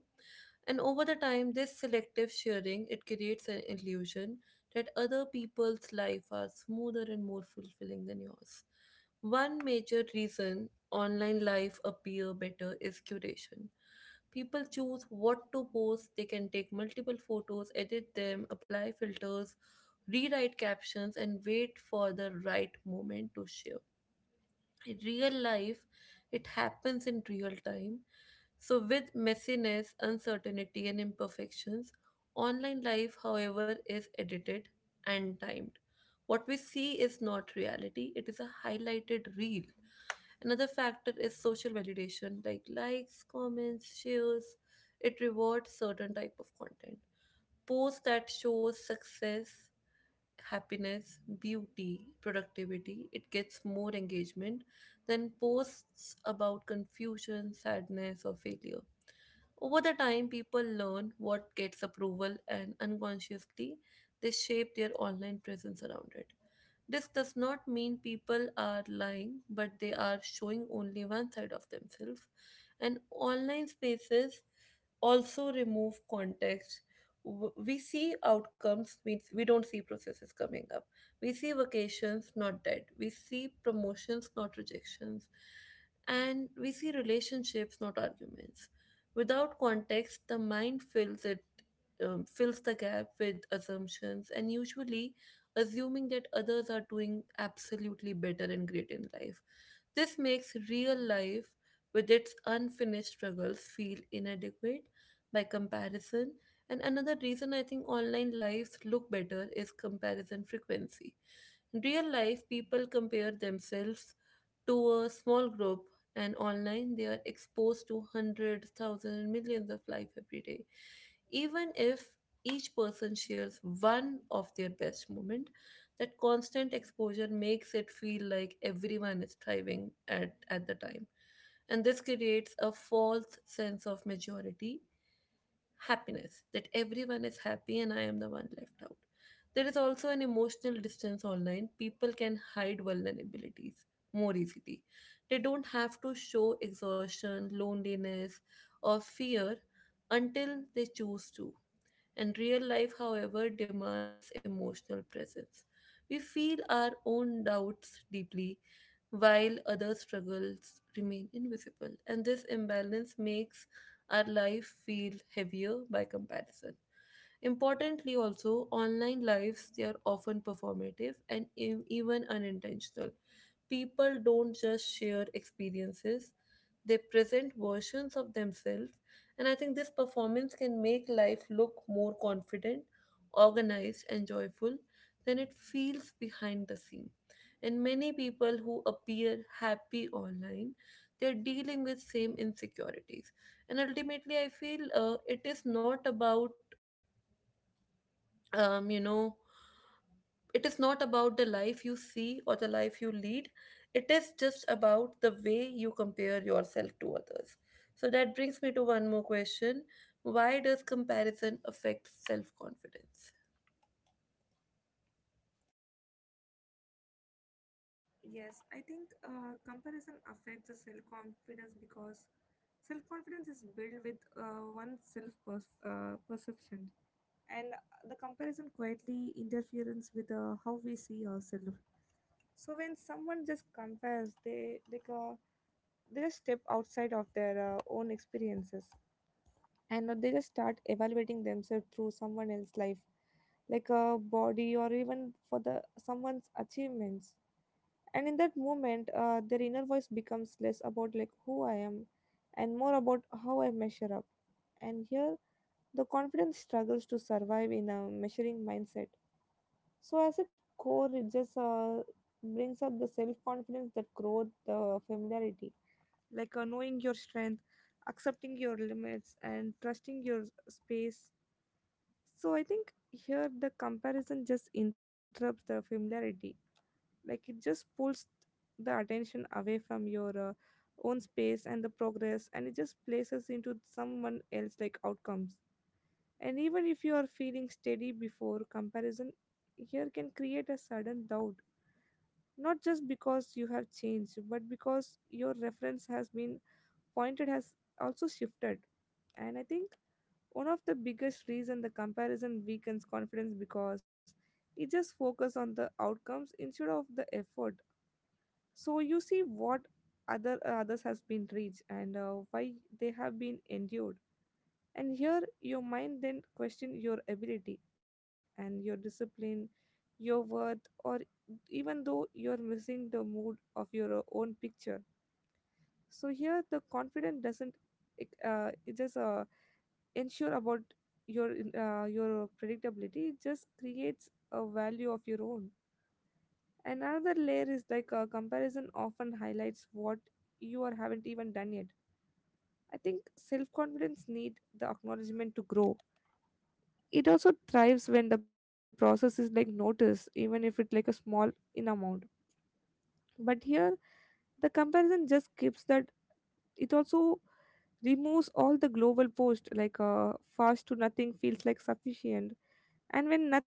A: And over the time, this selective sharing, it creates an illusion that other people's life are smoother and more fulfilling than yours. One major reason online life appear better is curation. People choose what to post. They can take multiple photos, edit them, apply filters, rewrite captions, and wait for the right moment to share. In real life, it happens in real time, so with messiness, uncertainty and imperfections. Online life, however, is edited and timed. What we see is not reality, it is a highlighted reel. Another factor is social validation, like likes, comments, shares, it rewards certain type of content. Posts that shows success, happiness, beauty, productivity, it gets more engagement than posts about confusion, sadness, or failure. Over the time, people learn what gets approval, and unconsciously they shape their online presence around it. This does not mean people are lying, but they are showing only one side of themselves. And online spaces also remove context. We see outcomes, we don't see processes coming up. We see vacations, not dead. We see promotions, not rejections. And we see relationships, not arguments. Without context, the mind fills the gap with assumptions, and usually assuming that others are doing absolutely better and great in life. This makes real life, with its unfinished struggles, feel inadequate by comparison. And another reason I think online lives look better is comparison frequency. In real life, people compare themselves to a small group, and online they are exposed to hundreds, thousands, and millions of life every day. Even if each person shares one of their best moment, that constant exposure makes it feel like everyone is thriving at the time, and this creates a false sense of majority happiness, that everyone is happy and I am the one left out. There is also an emotional distance online. People can hide vulnerabilities more easily. They don't have to show exhaustion, loneliness, or fear until they choose to. And real life, however, demands emotional presence. We feel our own doubts deeply, while other struggles remain invisible. And this imbalance makes our life feel heavier by comparison. Importantly, also, online lives they are often performative and even unintentional. People don't just share experiences, they present versions of themselves, and I think this performance can make life look more confident, organized, and joyful than it feels behind the scene. And many people who appear happy online, they're dealing with same insecurities. And ultimately, I feel it is not about um, you know it is not about the life you see or the life you lead, it is just about the way you compare yourself to others. So that brings me to one more question: why does comparison affect self confidence?
B: Yes, I think comparison affects the self confidence because self confidence is built with one's self perception, and the comparison quietly interferes with how we see ourselves. So when someone just compares, they they just step outside of their own experiences, and they just start evaluating themselves through someone else's life, like a body or even for the someone's achievements. And in that moment their inner voice becomes less about like who I am and more about how I measure up. And here the confidence struggles to survive in a measuring mindset. So as at core it just brings up the self confidence that growth the familiarity, knowing your strength, accepting your limits, and trusting your space. So I think here the comparison just interrupts the familiarity, like it just pulls the attention away from your own space and the progress, and it just places into someone else like outcomes. And even if you are feeling steady before comparison, here can create a sudden doubt, not just because you have changed, but because your reference has been pointed has also shifted. And I think one of the biggest reason the comparison weakens confidence because it just focus on the outcomes instead of the effort. So you see what other others has been reached and why they have been endured. And here your mind then question your ability and your discipline, your worth, or even though you're missing the mood of your own picture. So here the confidence doesn't it just ensure about your your predictability, it just creates a value of your own. Another layer is like a comparison often highlights what you or haven't even done yet. I think self-confidence need the acknowledgement to grow. It also thrives when the process is like noticed, even if it's like a small in amount. But here the comparison just keeps that, it also removes all the global post fast to nothing feels like sufficient,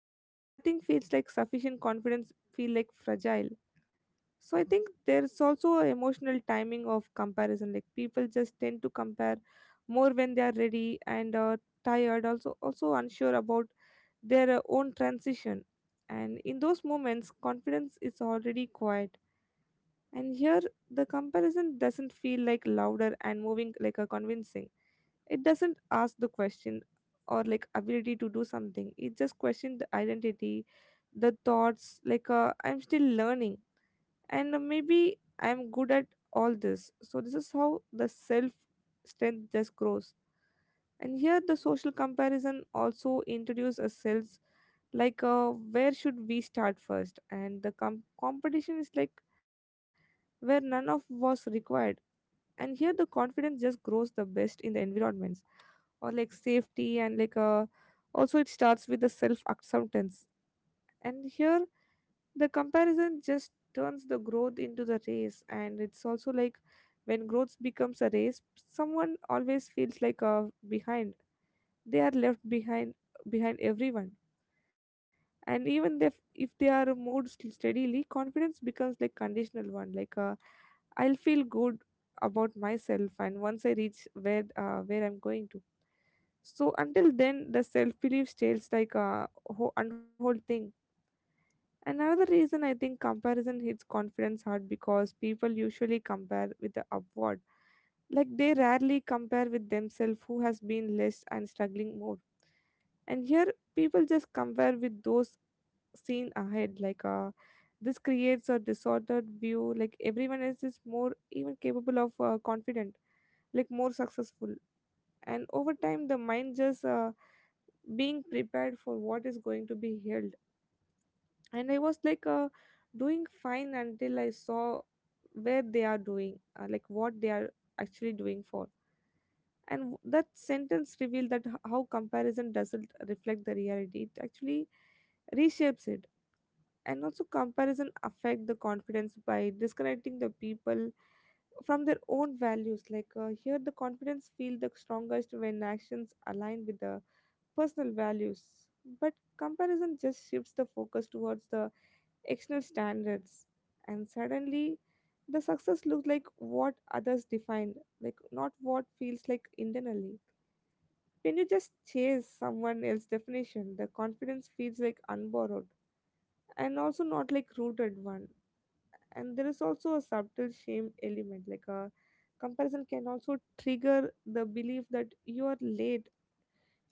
B: and when nothing feels like sufficient confidence feel like fragile. So I think there's also a emotional timing of comparison, like people just tend to compare more when they are ready and tired, also also unsure about their own transition. And in those moments confidence is already quiet, and here the comparison doesn't feel like louder and moving like a convincing, it doesn't ask the question or like ability to do something, it just questions the identity. The thoughts I'm still learning and maybe I'm good at all this. So this is how the self strength just grows. And here the social comparison also introduces a self, where should we start first, and the competition is like where none of was required. And here the confidence just grows the best in the environments or like safety and also it starts with the self acceptance. And here the comparison just turns the growth into the race, and it's also like when growth becomes a race, someone always feels like a behind. They are left behind, behind everyone, and even if they are moved steadily, confidence becomes like conditional one. I'll feel good about myself, and once I reach where I'm going to. So until then, the self belief stays like a unhold thing. Another reason I think comparison hits confidence hard because people usually compare with the upward. Like they rarely compare with themselves who has been less and struggling more. And here people just compare with those seen ahead. This creates a disordered view. Like everyone else is more even capable of confident, like more successful. And over time the mind just being prepared for what is going to be held. And I was doing fine until I saw where they are doing, like what they are actually doing for. And that sentence revealed that how comparison doesn't reflect the reality, it actually reshapes it. And also comparison affect the confidence by disconnecting the people from their own values. Here the confidence feel the strongest when actions align with the personal values. But comparison just shifts the focus towards the external standards, and suddenly the success looks like what others defined, like not what feels like internally. When you just chase someone else's definition, the confidence feels like unborrowed and also not like rooted one. And there is also a subtle shame element, like a comparison can also trigger the belief that you are late,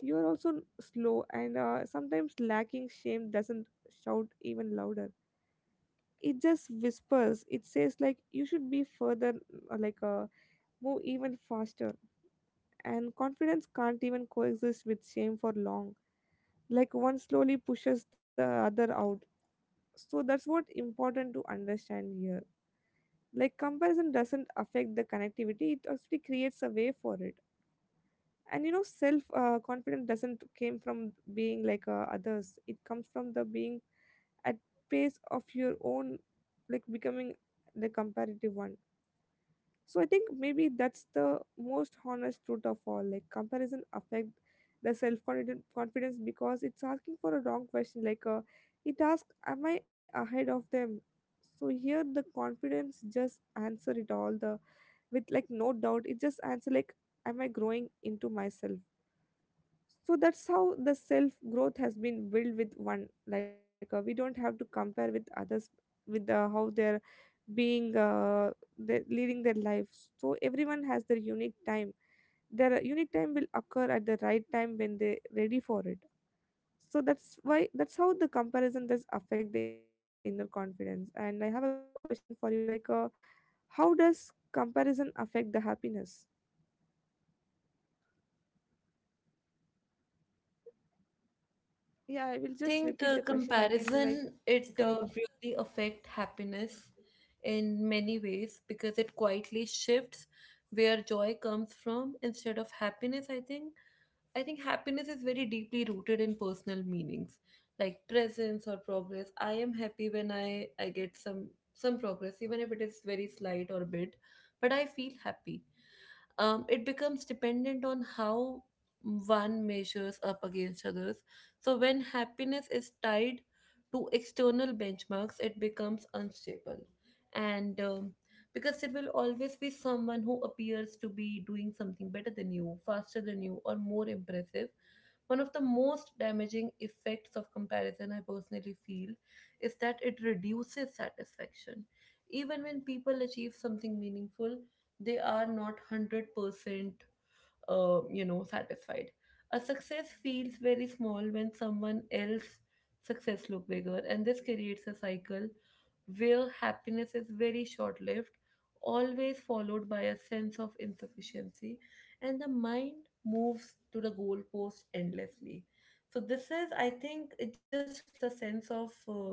B: you are also slow, and sometimes lacking shame doesn't shout even louder, it just whispers. It says like you should be further, uh, like uh, move even faster. And confidence can't even coexist with shame for long, like one slowly pushes the other out. So that's what important to understand here, like comparison doesn't affect the connectivity, it actually creates a way for it. And you know, self confidence doesn't came from being others, it comes from the being at pace of your own, like becoming the comparative one. So I think maybe that's the most honest truth of all, like comparison affect the self confidence because it's asking for a wrong question. It asks, am I ahead of them? So here the confidence just answer it all the, with like no doubt, it just answer like, am I growing into myself? So that's how the self growth has been built with one, we don't have to compare with others, with how they're being, they leading their lives. So everyone has their unique time, their unique time will occur at the right time when they ready for it. So that's why, that's how the comparison does affect the inner confidence. And I have a question for you, how does comparison affect the happiness?
A: I
B: Yeah,
A: think
B: I will just repeat the
A: comparison,
B: question again,
A: it really affect happiness in many ways because it quietly shifts where joy comes from. Instead of happiness, I think happiness is very deeply rooted in personal meanings like presence or progress. I am happy when I get some progress, even if it is very slight or bit, but I feel happy. It becomes dependent on how one measures up against others. So, when happiness is tied to external benchmarks, it becomes unstable. And because there will always be someone who appears to be doing something better than you, faster than you, or more impressive, one of the most damaging effects of comparison, I personally feel, is that it reduces satisfaction. Even when people achieve something meaningful, they are not 100% satisfied. A success feels very small when someone else's success look bigger, and this creates a cycle where happiness is very short lived, always followed by a sense of insufficiency, and the mind moves to the goalpost endlessly. So this is, I think it just creates a sense of uh,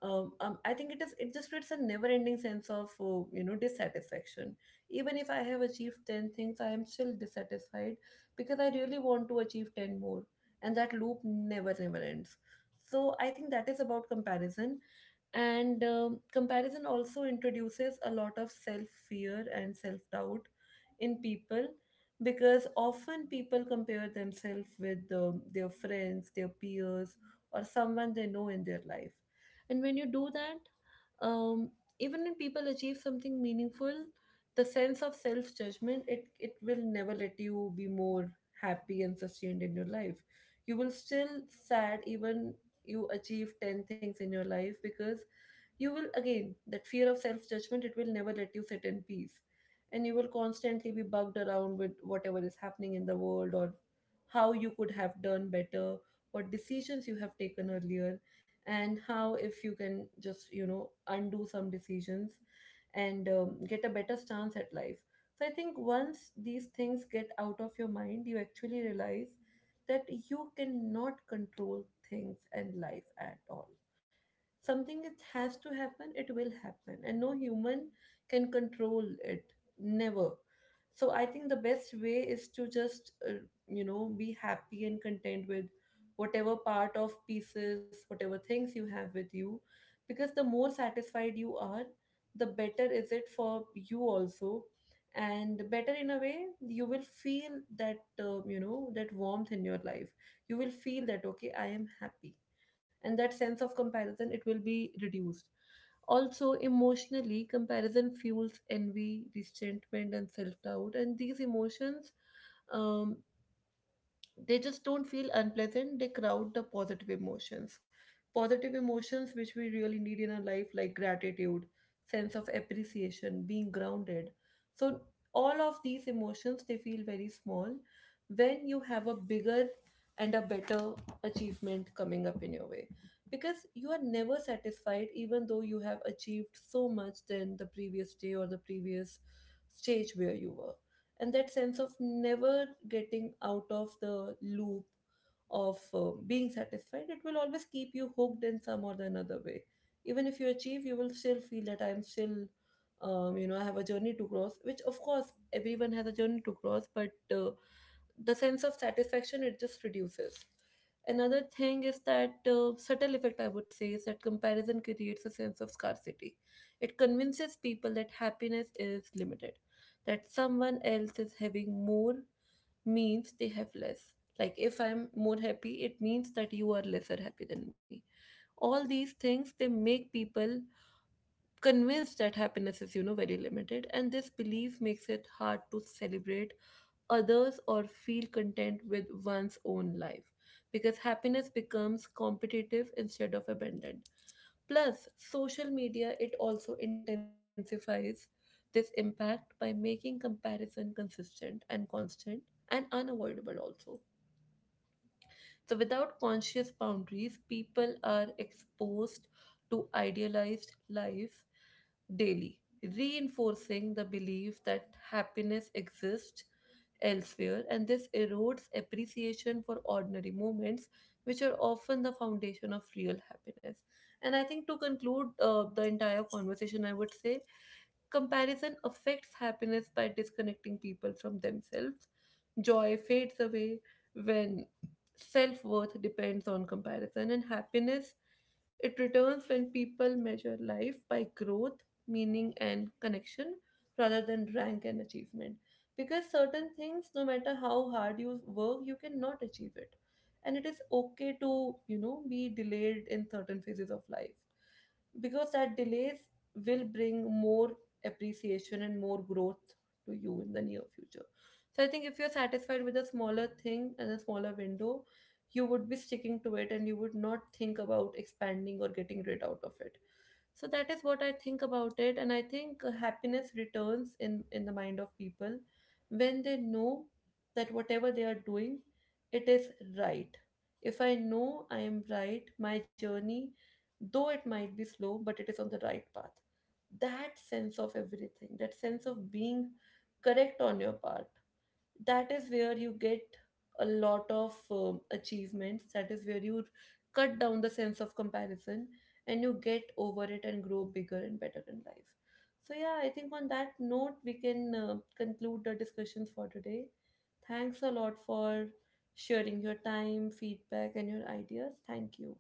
A: um, um, I think it is. It just creates a never-ending sense of dissatisfaction. Even if I have achieved 10 things, I am still dissatisfied because I really want to achieve 10 more, and that loop never ends. So I think that is about comparison, and comparison also introduces a lot of self fear and self doubt in people because often people compare themselves with their friends, their peers, or someone they know in their life. And when you do that, even when people achieve something meaningful, the sense of self judgment, it will never let you be more happy and sustained in your life. You will still sad even you achieve 10 things in your life, because you will again that fear of self judgment, it will never let you sit in peace, and you will constantly be bugged around with whatever is happening in the world, or how you could have done better, what decisions you have taken earlier, and how if you can just, you know, undo some decisions and get a better stance at life. So I think once these things get out of your mind, you actually realize that you cannot control things and life at all. Something that has to happen, it will happen, and no human can control it, never. So I think the best way is to just, you know, be happy and content with whatever part of pieces, whatever things you have with you, because the more satisfied you are, the better is it for you also. And better in a way, you will feel that, you know, that warmth in your life. You will feel that, okay, I am happy, and that sense of comparison, it will be reduced. Also, emotionally, comparison fuels envy, resentment, and self-doubt, and these emotions, um, they just don't feel unpleasant, they crowd the positive emotions, positive emotions which we really need in our life, like gratitude, sense of appreciation, being grounded. So all of these emotions, they feel very small when you have a bigger and a better achievement coming up in your way, because you are never satisfied even though you have achieved so much than the previous day or the previous stage where you were. And that sense of never getting out of the loop of being satisfied, it will always keep you hooked in some or the another way. Even if you achieve, you will still feel that I'm still, you know, I have a journey to cross, which of course everyone has a journey to cross, but uh, the sense of satisfaction, it just reduces. Another thing is that, subtle effect I would say, is that comparison creates a sense of scarcity. It convinces people that happiness is limited, that someone else is having more means they have less. Like, if I'm more happy, it means that you are lesser happy than me. All these things, they make people convinced that happiness is, you know, very limited, and this belief makes it hard to celebrate others or feel content with one's own life, because happiness becomes competitive instead of abundant. Plus, social media, it also intensifies this impact by making comparison consistent and constant and unavoidable also. So without conscious boundaries, people are exposed to idealized lives daily, reinforcing the belief that happiness exists elsewhere, and this erodes appreciation for ordinary moments, which are often the foundation of real happiness. And I think to conclude the entire conversation, I would say comparison affects happiness by disconnecting people from themselves. Joy fades away when self worth depends on comparison, and happiness, it returns when people measure life by growth, meaning, and connection rather than rank and achievement, because certain things, no matter how hard you work, you cannot achieve it. And it is okay to, you know, be delayed in certain phases of life, because that delays will bring more appreciation and more growth to you in the near future. So I think if you're satisfied with a smaller thing and a smaller window, you would be sticking to it, and you would not think about expanding or getting rid out of it. So that is what I think about it. And I think, happiness returns in the mind of people when they know that whatever they are doing, it is right. If I know I am right, my journey, though it might be slow, but it is on the right path. That sense of everything, that sense of being correct on your part, that is where you get a lot of achievements, that is where you cut down the sense of comparison, and you get over it and grow bigger and better in life. So yeah, I think on that note we can conclude the discussions for today. Thanks a lot for sharing your time, feedback, and your ideas. Thank you.